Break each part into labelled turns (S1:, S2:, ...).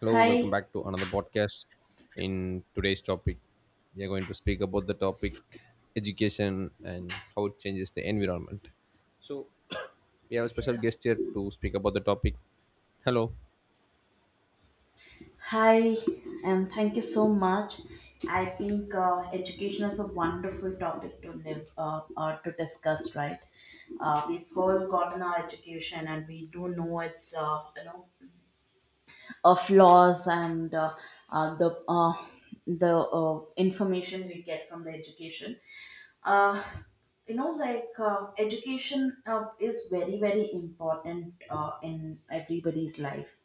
S1: Hello, welcome
S2: Hi,
S1: back to another podcast. In today's topic, we are going to speak about the topic education and how it changes the environment. So, we have a special guest here to speak about the topic. Hello.
S2: hi, and thank you so much. I think education is a wonderful topic to live or to discuss, right? We've all gotten our education, and we do know its flaws and uh, uh, the uh, the uh, information we get from the education. Uh, Education is very very important in everybody's life.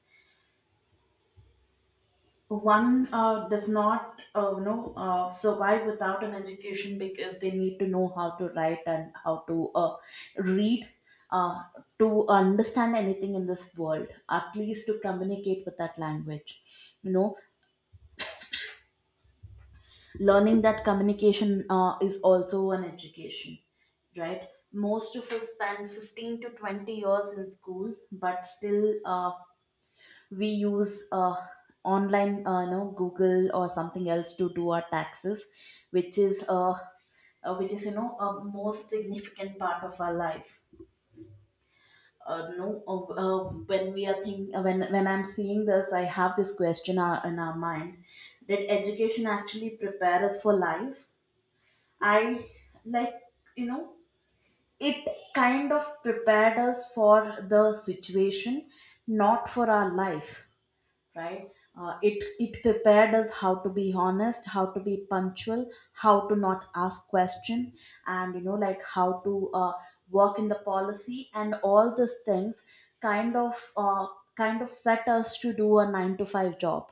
S2: One does not survive without an education, because they need to know how to write and how to read, uh, to understand anything in this world, at least to communicate with that language. Learning that communication is also an education, right? Most of us spend 15 to 20 years in school, but still we use online, google or something else to do our taxes, which is uh, which is a most significant part of our life. No, when we are think when I'm seeing this, I have this question in our mind: did education actually prepare us for life? I, like, you know it kind of prepared us for the situation, not for our life, right? It prepared us how to be honest, how to be punctual, how to not ask question, and like how to work in the policy and all these things. Kind of uh, kind of set us to do a 9 to 5 job,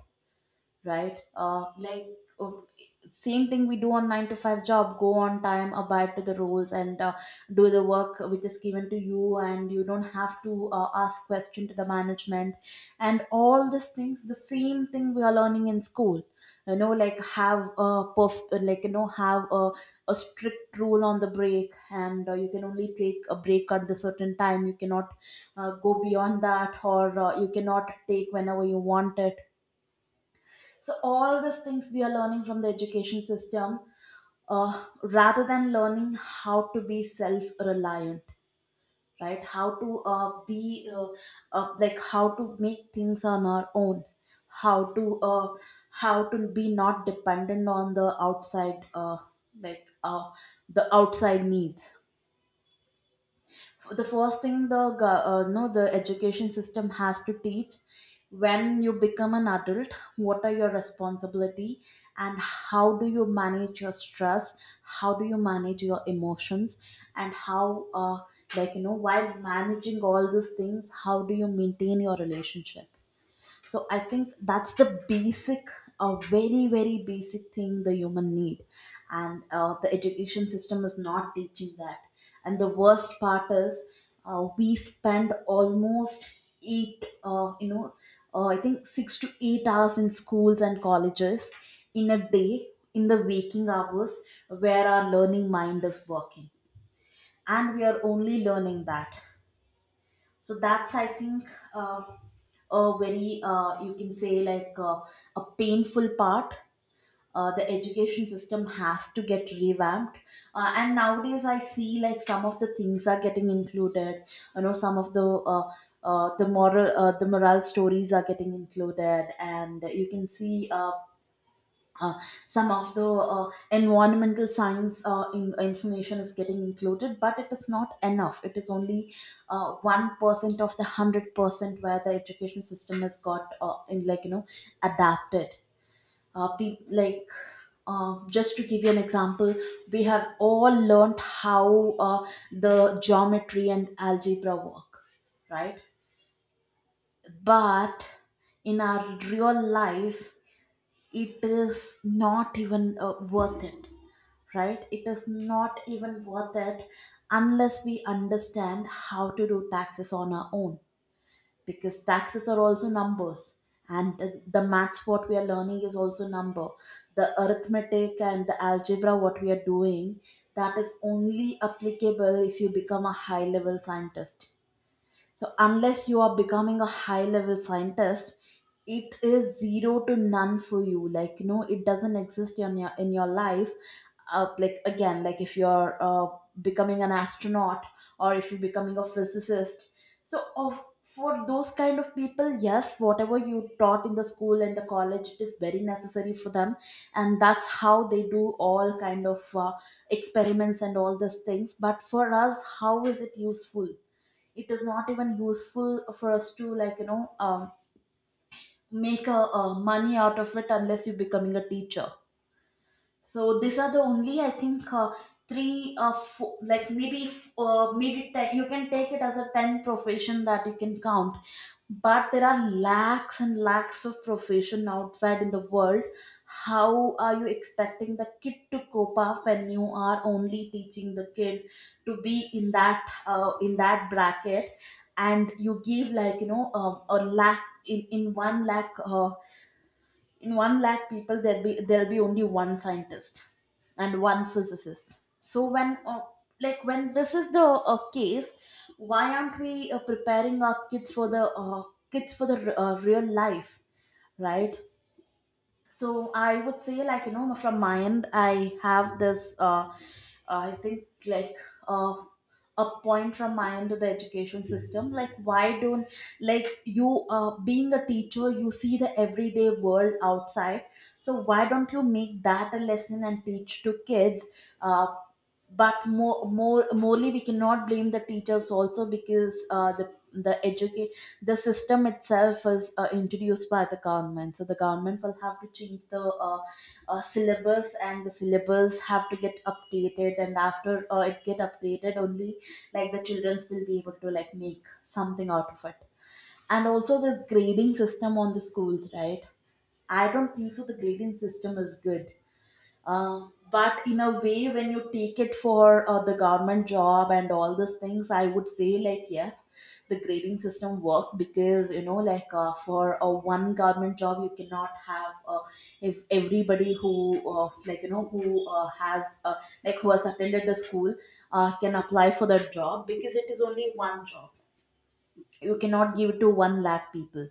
S2: right? Like, o- same thing we do on nine to five job. Go on time, abide to the rules, and do the work which is given to you, and you don't have to ask question to the management, and all these things. The same thing we are learning in school. Like, have a like have a strict rule on the break, and you can only take a break at the certain time. You cannot go beyond that, or you cannot take whenever you want it. So all these things we are learning from the education system, rather than learning how to be self-reliant, right? How to be, like how to make things on our own, how to uh, how to be not dependent on the outside, like the outside needs. The first thing the go- uh, no the education system has to teach: when you become an adult, what are your responsibility, and how do you manage your stress, how do you manage your emotions, and how, like, while managing all these things, how do you maintain your relationship? So I think that's the basic, a very very basic thing the human need, and the education system is not teaching that. And the worst part is, we spend almost eight, I think 6 to 8 hours in schools and colleges in a day, in the waking hours where our learning mind is working, and we are only learning that. So that's, I think, uh, a very, you can say, like, a painful part. The education system has to get revamped, and nowadays I see, like, some of the things are getting included. You know, some of the the moral stories are getting included, and you can see, uh, some of the environmental science information is getting included, but it is not enough. It is only 1% of the 100% where the education system has got, in, adapted. Like, just to give you an example, we have all learned how the geometry and algebra work, right? But in our real life, it is not even worth it, right? It is not even worth it unless we understand how to do taxes on our own, because taxes are also numbers, and the maths what we are learning is also number. The arithmetic and the algebra what we are doing, that is only applicable if you become a high level scientist. So unless you are becoming a high level scientist, it is zero to none for you. Like, it doesn't exist in your life. Like, again, like if you're becoming an astronaut or if you're becoming a physicist. So of for those kind of people, yes, whatever you taught in the school and the college is very necessary for them, and that's how they do all kind of experiments and all these things. But for us, how is it useful? It is not even useful for us to, like, make a money out of it unless you're becoming a teacher. So these are the only, I think, three or four, like maybe maybe ten, you can take it as a ten profession that you can count, but there are lakhs and lakhs of profession outside in the world. How are you expecting the kid to cope up when you are only teaching the kid to be in that bracket, and you give, like, a lakh, in one lakh in 1 lakh people, there'll be only one scientist and one physicist. So when like, when this is the case, why aren't we preparing our kids for the real life, right? So I would say, like, from my end I have this, I think, like, uh, a point from my end to the education system, like, why don't, like, you, being a teacher you see the everyday world outside, so why don't you make that a lesson and teach to kids. uh, but, morely, we cannot blame the teachers also, because the system itself is introduced by the government. So the government will have to change the syllabus, and the syllabus have to get updated, and after it get updated only, like, the childrens will be able to, like, make something out of it. And also this grading system on the schools, right? I don't think so the grading system is good, but in a way, when you take it for the government job and all these things, I would say, like, yes, the grading system worked, because like, for a one government job you cannot have. If everybody who, like, who has, like, who has attended the school can apply for that job, because it is only one job. You cannot give it to one lakh people.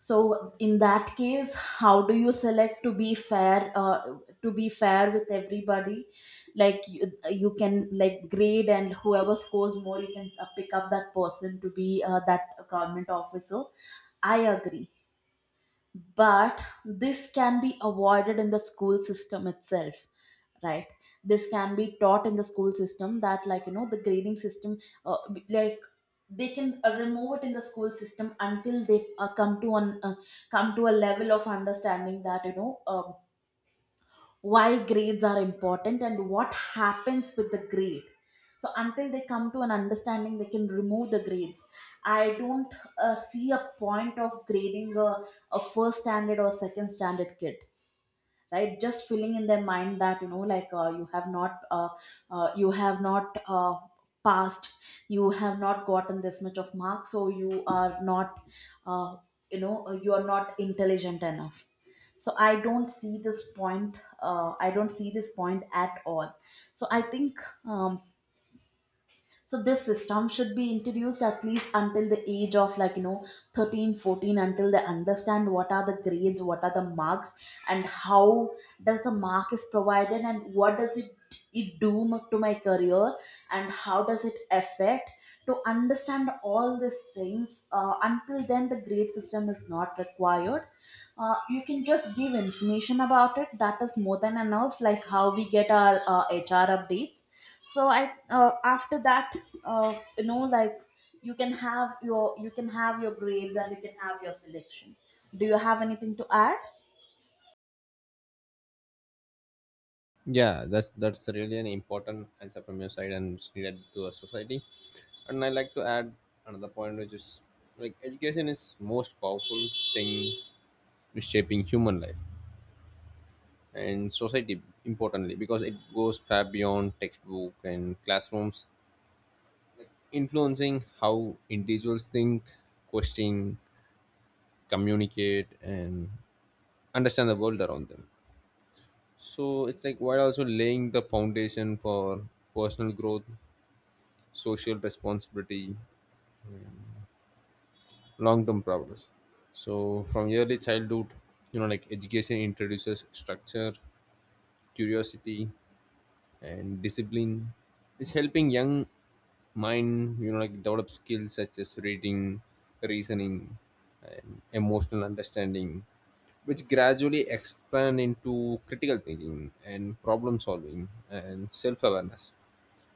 S2: So in that case, how do you select, to be fair, to be fair with everybody, like, you can, like, grade, and whoever scores more you can pick up that person to be that government officer. I agree, but this can be avoided in the school system itself, right? This can be taught in the school system, that, like, the grading system, uh, like, they can remove it in the school system until they come to a level of understanding that, why grades are important and what happens with the grade. So until they come to an understanding, they can remove the grades. I don't see a point of grading a first standard or second standard kid, right? Just filling in their mind that, you have not passed, you have not gotten this much of marks, so you are not, uh, you know you are not intelligent enough. So I don't see this point, I don't see this point at all. So I think, um, so this system should be introduced at least until the age of, like, 13, 14, until they understand what are the grades, what are the marks, and how does the mark is provided and what does it do to my career, and how does it affect. To understand all these things, until then the grade system is not required. You can just give information about it, that is more than enough, like how we get our HR updates. So I, after that, like, you can have your grades, and you can have your selection. Do you have anything to add?
S1: Yeah, that's really an important answer from your side and it's needed to a society. And I like to add another point, which is like education is most powerful thing is shaping human life and society importantly because it goes far beyond textbook and classrooms, influencing how individuals think, question, communicate, and understand the world around them. So it's like while also laying the foundation for personal growth, social responsibility, long term progress. So from early childhood, you know, like education introduces structure, curiosity, and discipline. It's helping young mind, you know, like develop skills such as reading, reasoning, and emotional understanding, which gradually expand into critical thinking and problem solving and self awareness.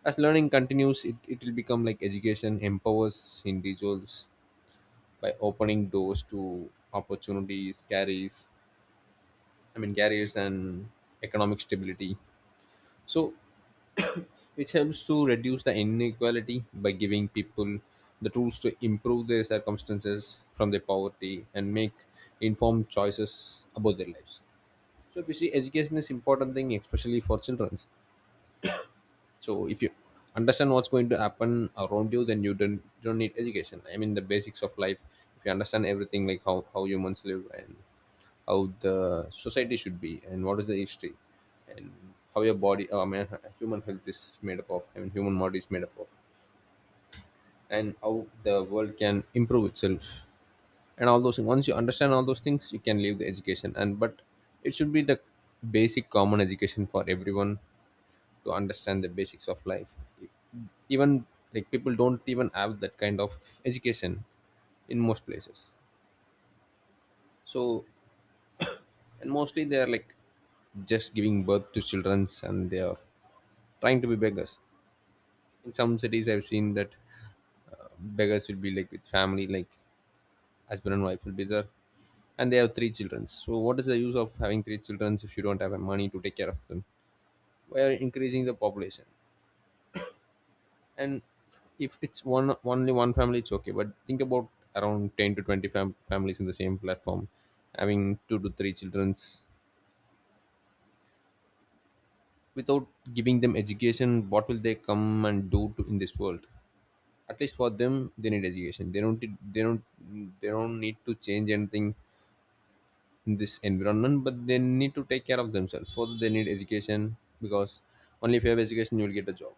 S1: As learning continues, it will become like education empowers individuals by opening doors to opportunities, carries, I mean, carriers and economic stability. So, which helps to reduce the inequality by giving people the tools to improve their circumstances from their poverty and make informed choices about their lives. So if you see, education is important thing, especially for children. So if you understand what's going to happen around you, then you don't need education. I mean, the basics of life. If you understand everything, like how humans live, and how the society should be, and what is the history, and how your body, I mean, human health is made up of, I mean, human body is made up of, and how the world can improve itself, and all those things. Once you understand all those things, you can leave the education. And but it should be the basic common education for everyone to understand the basics of life. Even like people don't even have that kind of education in most places. So, and mostly they are like just giving birth to childrens, and they are trying to be beggars. In some cities I've seen that, uh, beggars will be like with family, like husband and wife will be there, and they have three children. So what is the use of having three children if you don't have money to take care of them? We are increasing the population. And if it's one only one family, it's okay, but think about around 10 to 20 families in the same platform having two to three childrens without giving them education. What will they come and do to, in this world? At least for them they need education. They don't they don't they don't need to change anything in this environment, but they need to take care of themselves. For they need education, because only if you have education you will get a job.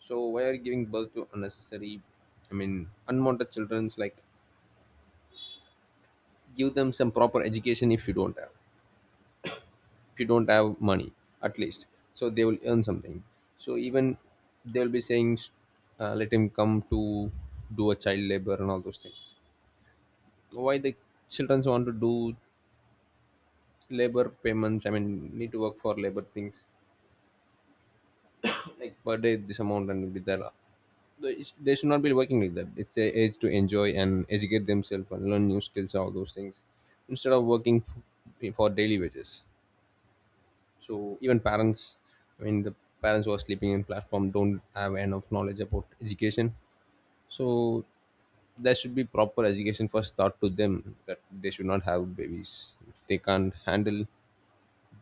S1: So why are you giving birth to unnecessary, I mean unwanted children's? Like give them some proper education. If you don't have, if you don't have money, at least, so they will earn something. So even they'll be saying, let him come to do a child labor and all those things. Why the children want to do labor payments, I mean need to work for labor things, like per day this amount, and with that, they they should not be working like that. It's a age to enjoy and educate themselves and learn new skills, all those things, instead of working for daily wages. So even parents, I mean the parents who are sleeping in platform, don't have enough knowledge about education. So there should be proper education first taught to them, that they should not have babies if they can't handle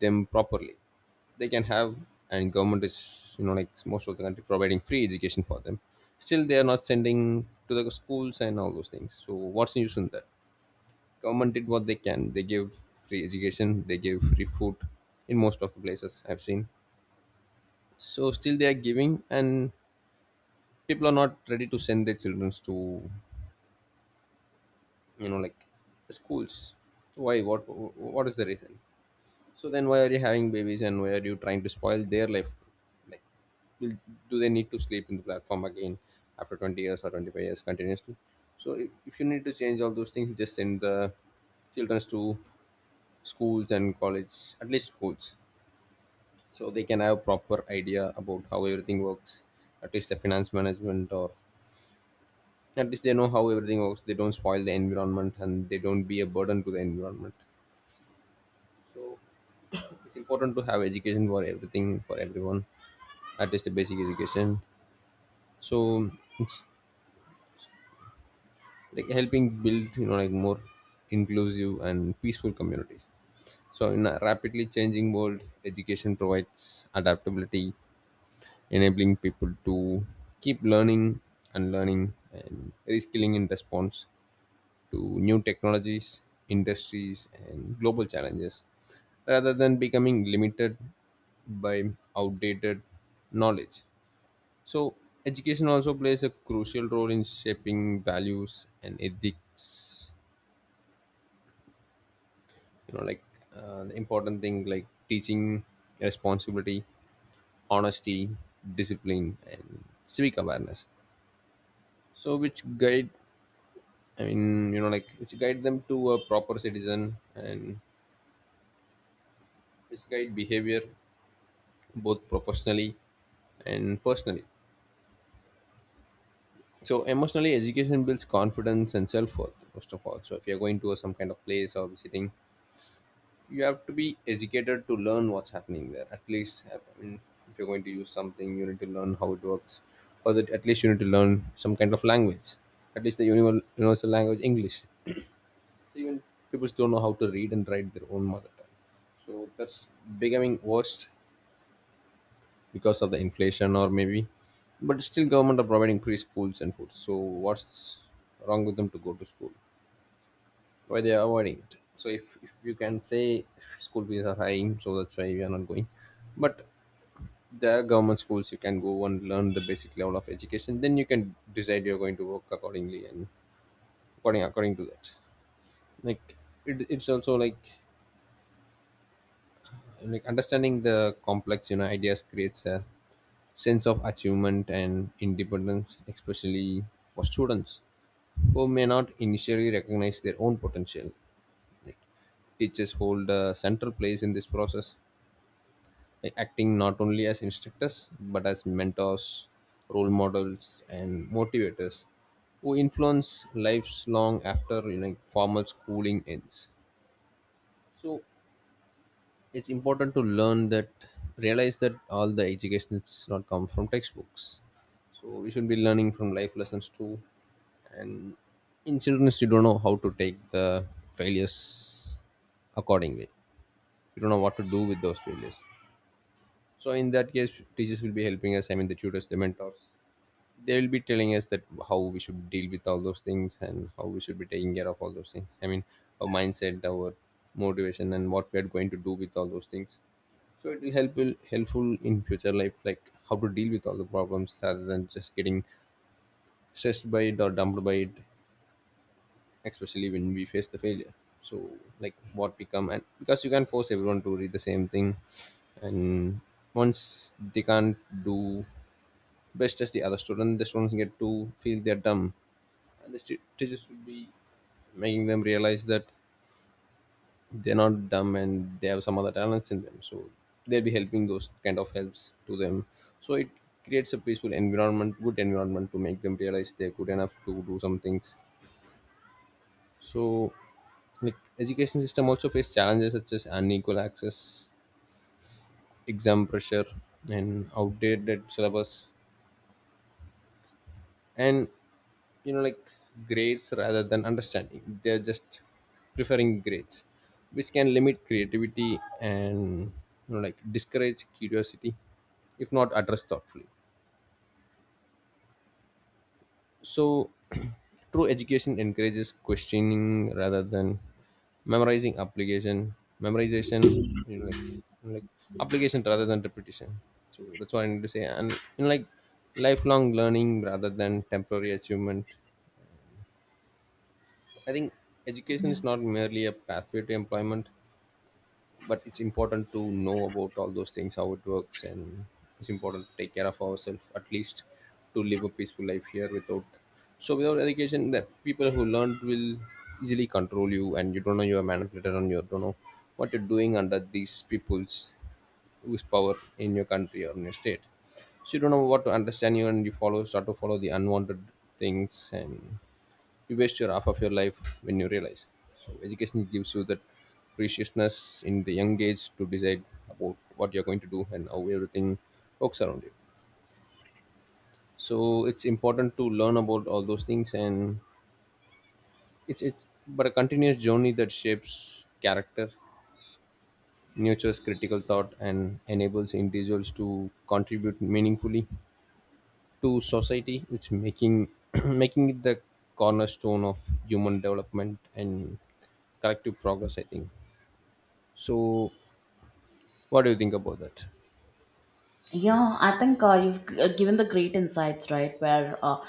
S1: them properly. They can have, and government is, you know, like most of the country providing free education for them, still they are not sending to the schools and all those things. So what's the use in that? Government did what they can. They give free education, they give free food in most of the places I've seen. So still they are giving, and people are not ready to send their children to, you know, like schools. So why, what is the reason? So then why are you having babies, and why are you trying to spoil their life? Like will, do they need to sleep in the platform again after 20 years or 25 years continuously? So if you need to change all those things, just send the children to schools and college, at least schools, so they can have proper idea about how everything works, at least the finance management. Or at least they know how everything works. They don't spoil the environment, and they don't be a burden to the environment. So it's important to have education for everything, for everyone. At least a basic education. So it's like helping build, you know, like more inclusive and peaceful communities. So in a rapidly changing world, education provides adaptability, enabling people to keep learning and learning and reskilling in response to new technologies, industries, and global challenges, rather than becoming limited by outdated knowledge. So, education also plays a crucial role in shaping values and ethics. You know, like the important thing, like teaching responsibility, honesty, discipline, and civic awareness. So, which guide, I mean, you know, like which guide them to a proper citizen, and which guide behavior both professionally and personally. So emotionally, education builds confidence and self worth. First of all, so if you're going to a, some kind of place or visiting, you have to be educated to learn what's happening there. At least, I mean, if you're going to use something, you need to learn how it works, or that at least you need to learn some kind of language. At least the universal language, English. So even people don't know how to read and write their own mother tongue. So that's becoming worst because of the inflation or maybe, but still government are providing free schools and food. So what's wrong with them to go to school? Why they are avoiding it? So if you can say school fees are high, so that's why we are not going, but there are government schools you can go and learn the basic level of education. Then you can decide you're going to work accordingly, and according to that. Like it's also like understanding the complex, you know, ideas creates a sense of achievement and independence, especially for students who may not initially recognize their own potential. Like teachers hold a central place in this process, like acting not only as instructors but as mentors, role models, and motivators who influence lives long after, you know, formal schooling ends. So it's important to learn that, realize that all the education is not come from textbooks. So we should be learning from life lessons too. And in children you don't know how to take the failures accordingly. You don't know what to do with those failures. So in that case teachers will be helping us, I mean the tutors, the mentors. They will be telling us that how we should deal with all those things, and how we should be taking care of all those things, I mean our mindset, our motivation, and what we are going to do with all those things. So it will helpful in future life, like how to deal with all the problems rather than just getting stressed by it or dumped by it, especially when we face the failure. So like what we come, and because you can't force everyone to read the same thing, and once they can't do best as the other student, the students get to feel they're dumb, and the teachers should be making them realize that they're not dumb, and they have some other talents in them. So they'll be helping those kind of helps to them. So it creates a peaceful environment, good environment to make them realize they're good enough to do some things. So like education system also face challenges such as unequal access, exam pressure, and outdated syllabus, and, you know, like grades rather than understanding. They're just preferring grades, which can limit creativity and, you know, like discourage curiosity if not addressed thoughtfully. So true education encourages questioning rather than memorizing application, memorization, you know, like application rather than repetition. So that's what I need to say. And, you know, like lifelong learning rather than temporary achievement. I think education
S2: Yeah.
S1: is not merely a pathway to employment, but it's important to know about all those things, how it works, and it's important to take care of ourselves, at least to live a peaceful life here without. So, without education, the people who learned will easily control you, and you don't know you're a manipulator, and you don't know what you're doing under these people's whose power in your country or in your state. So, you don't know what to understand you, and you follow start to follow the unwanted things, and you waste your half of your life when you realize. So education gives you that preciousness in the young age to decide about what you're going to do and how everything works around you. So it's important to learn about all those things, and it's but a continuous journey that shapes character, nurtures critical thought, and enables individuals to contribute meaningfully to society. It's making making it the cornerstone of human development and collective progress, I think. So, what do you think about that?
S2: Yeah, I think you've given the great insights, right? Where, uh,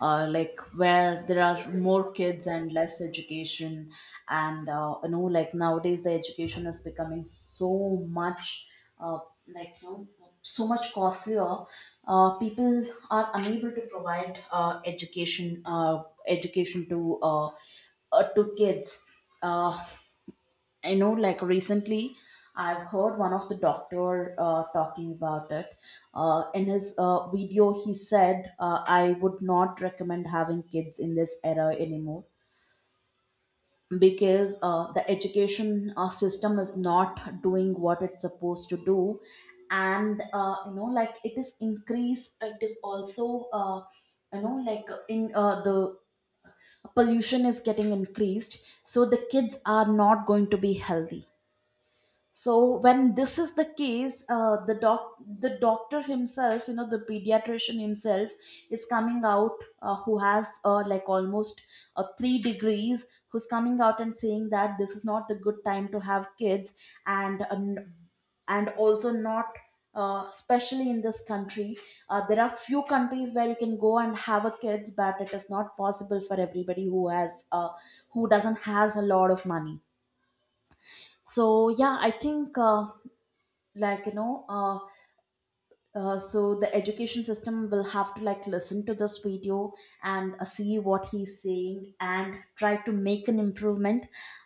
S2: uh, like, where there are more kids and less education, and like nowadays the education is becoming so much, uh, like, so much costlier. People are unable to provide education to kids. Uh, I know, like recently, I've heard one of the doctor talking about it. In his video, he said, "I would not recommend having kids in this era anymore because the education system is not doing what it's supposed to do, and like it is increase. It is also, like in the pollution is getting increased, so the kids are not going to be healthy." So when this is the case, the doctor himself, the pediatrician himself is coming out, who has like almost 3 degrees, who's coming out and saying that this is not the good time to have kids, and uh, n- and also not, especially in this country. There are few countries where you can go and have a kids, but it is not possible for everybody who doesn't has a lot of money. So, yeah, I think, like, so the education system will have to like listen to this video, and see what he's saying and try to make an improvement.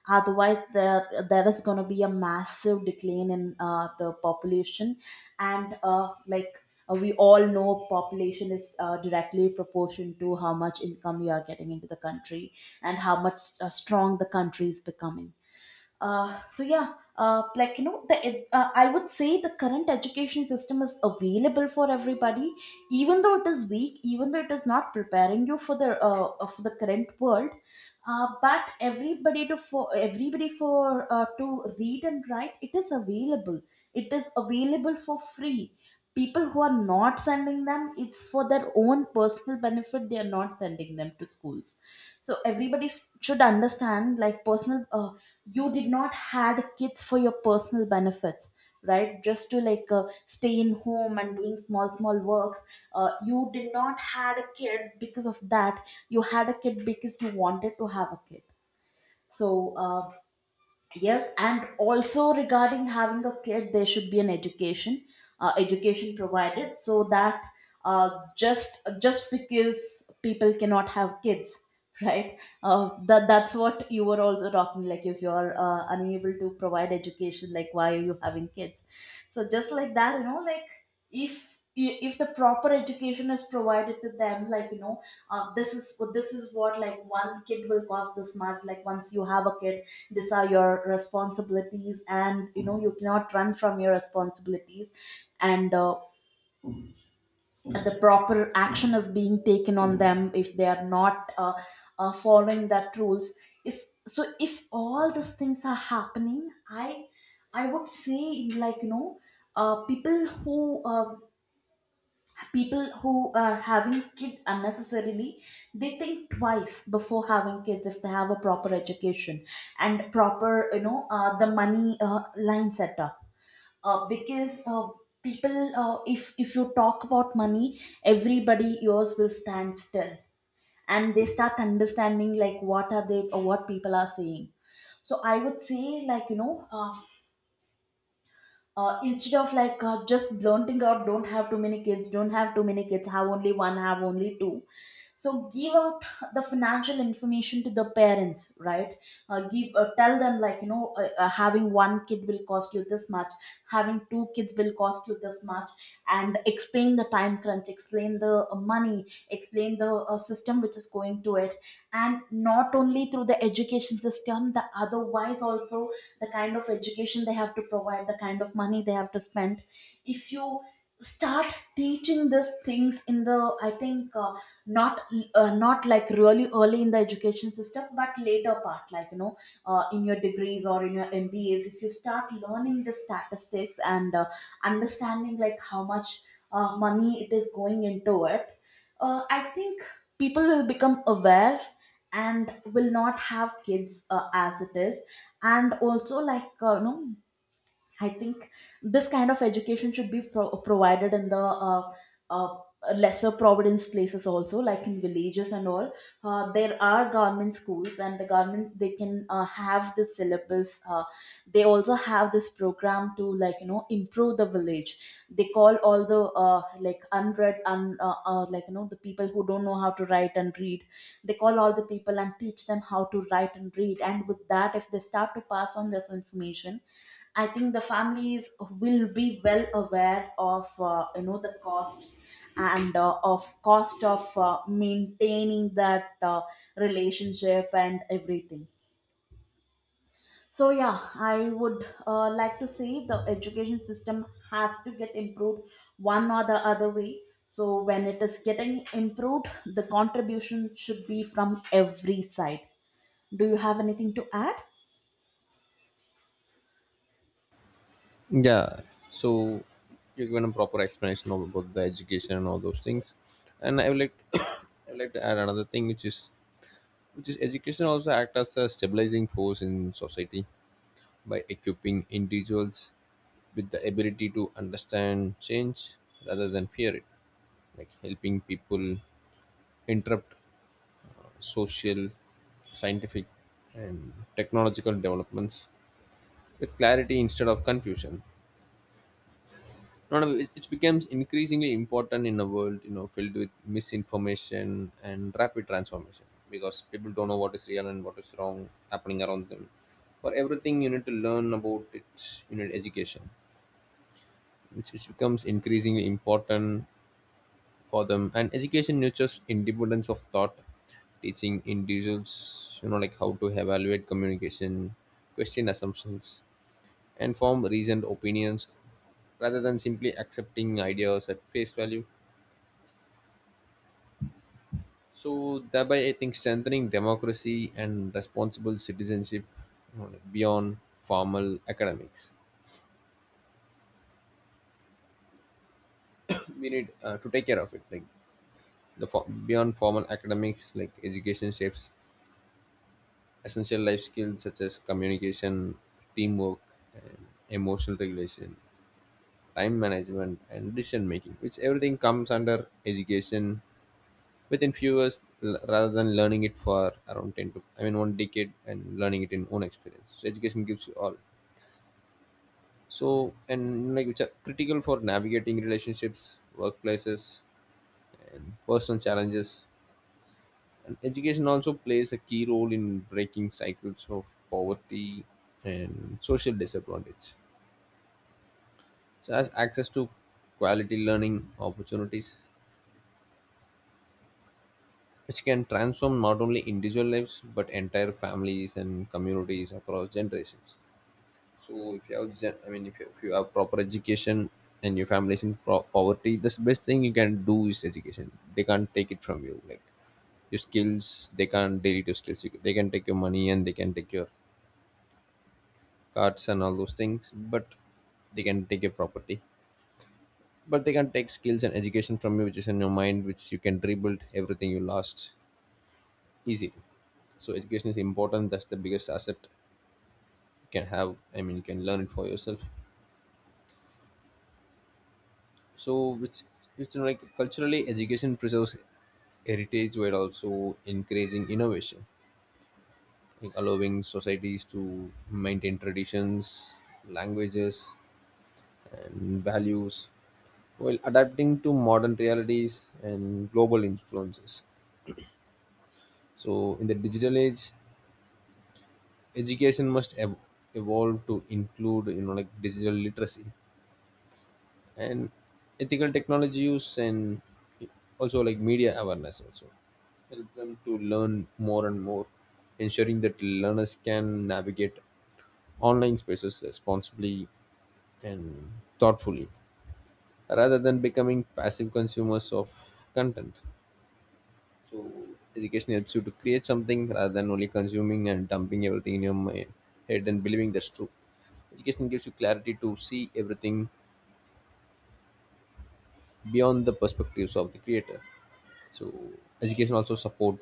S2: Otherwise, there is going to be a massive decline in the population. And like, we all know population is directly proportion to how much income you are getting into the country, and how much strong the country is becoming. So, yeah, like, I would say the current education system is available for everybody, even though it is weak, even though it is not preparing you for the current world. But everybody to for everybody for to read and write, it is available. It is available for free. People who are not sending them, it's for their own personal benefit. They are not sending them to schools. So everybody should understand, like, personal you did not had kids for your personal benefits, right? Just to, like, stay in home and doing small small works. You did not had a kid because of that, you had a kid because you wanted to have a kid. So, yes. And also regarding having a kid, there should be an education provided so that uh, just because people cannot have kids right, that's what you were also talking, like, if you're unable to provide education, like, why are you having kids. So just like that, like, if the proper education is provided to them, like, this is what, like, one kid will cost this much. Like, once you have a kid, these are your responsibilities, and you know you cannot run from your responsibilities. And the proper action is being taken on them if they are not following that rules is. So if all these things are happening, I would say, like, uh, people who uh, people who are having kids unnecessarily, they think twice before having kids if they have a proper education and proper, the money line set up. Because people if you talk about money, everybody ears will stand still, and they start understanding, like, what are they or what people are saying. So I would say, like, instead of, like, just blunting out, "Don't have too many kids, don't have too many kids, have only one, have only two." So give out the financial information to the parents, right? Give Tell them, like, having one kid will cost you this much, having two kids will cost you this much. And explain the time crunch, explain the money, explain the system which is going to it, and not only through the education system, the otherwise also, the kind of education they have to provide, the kind of money they have to spend. If you start teaching these things in the. I think, not, not like really early in the education system, but later part, like, in your degrees or in your MBAs, if you start learning the statistics and understanding, like, how much money it is going into it. I think people will become aware and will not have kids as it is. And also, like, I think this kind of education should be provided in the uh, lesser providence places also, like in villages and all. There are government schools, and the government, they can have the syllabus. They also have this program to, like, improve the village. They call all the like like, the people who don't know how to write and read. They call all the people and teach them how to write and read, and with that, if they start to pass on this information, I think the families will be well aware of the cost of maintaining that relationship and everything. So, yeah, I would, like, to say the education system has to get improved one or the other way. So when it is getting improved, the contribution should be from every side. Do you have anything to add?
S1: Yeah. So, you are given a proper explanation of about the education and all those things, and I would like I would like to add another thing, which is education also act as a stabilizing force in society by equipping individuals with the ability to understand change rather than fear it, like helping people interrupt social, scientific, and technological developments with clarity instead of confusion. No, no, it becomes increasingly important in a world, you know, filled with misinformation and rapid transformation, because people don't know what is real and what is wrong happening around them. For everything, you need to learn about it. You need education, which it becomes increasingly important for them. And education nurtures independence of thought, teaching individuals, you know, like how to evaluate communication, question assumptions, and form reasoned opinions rather than simply accepting ideas at face value. So thereby, I think strengthening democracy and responsible citizenship, you beyond formal academics. We need to take care of it, like the beyond formal academics, like education shapes essential life skills such as communication, teamwork, and emotional regulation, time management, and decision making, which everything comes under education within few years rather than learning it for around 10 to, I mean, one decade, and learning it in own experience, so education gives you all. So, and like, which are critical for navigating relationships, workplaces, and personal challenges. And education also plays a key role in breaking cycles of poverty and social disadvantage. So, has access to quality learning opportunities, which can transform not only individual lives but entire families and communities across generations. So if you have, I mean, if you have proper education and your family is in poverty, the best thing you can do is education. They can't take it from you. Like your skills, they can't delete your skills. They can take your money and they can take your cards and all those things, but they can take your property. But they can take skills and education from you, which is in your mind, which you can rebuild everything you lost easily. So education is important. That's the biggest asset you can have. I mean, you can learn it for yourself. So it's like, culturally education preserves heritage while also encouraging innovation, like allowing societies to maintain traditions, languages, and values while adapting to modern realities and global influences. So in the digital age, education must evolve to include, you know, like digital literacy and ethical technology use, and also like media awareness also, help them to learn more and more, ensuring that learners can navigate online spaces responsibly and thoughtfully rather than becoming passive consumers of content. So education helps you to create something rather than only consuming and dumping everything in your mind, head, and believing that's true. Education gives you clarity to see everything beyond the perspectives of the creator. So education also support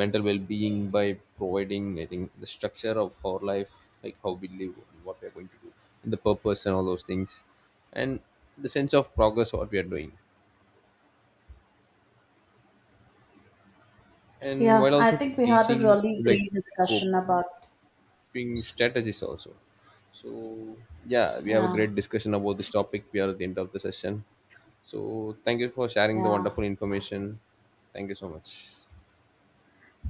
S1: mental well-being by providing, I think, the structure of our life, like how we live and what we are going to do, and the purpose and all those things, and the sense of progress what we are doing, and
S2: Yeah,
S1: while
S2: I
S1: also
S2: think we had a
S1: teaching
S2: really
S1: like
S2: great discussion about.
S1: coping strategies also. So yeah, we have a
S2: Yeah.
S1: great discussion about this topic. We are at the end of the session. So thank you for sharing the
S2: Yeah.
S1: wonderful information. Thank you so much.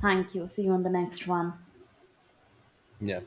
S2: Thank you. See you on the next one.
S1: Yeah.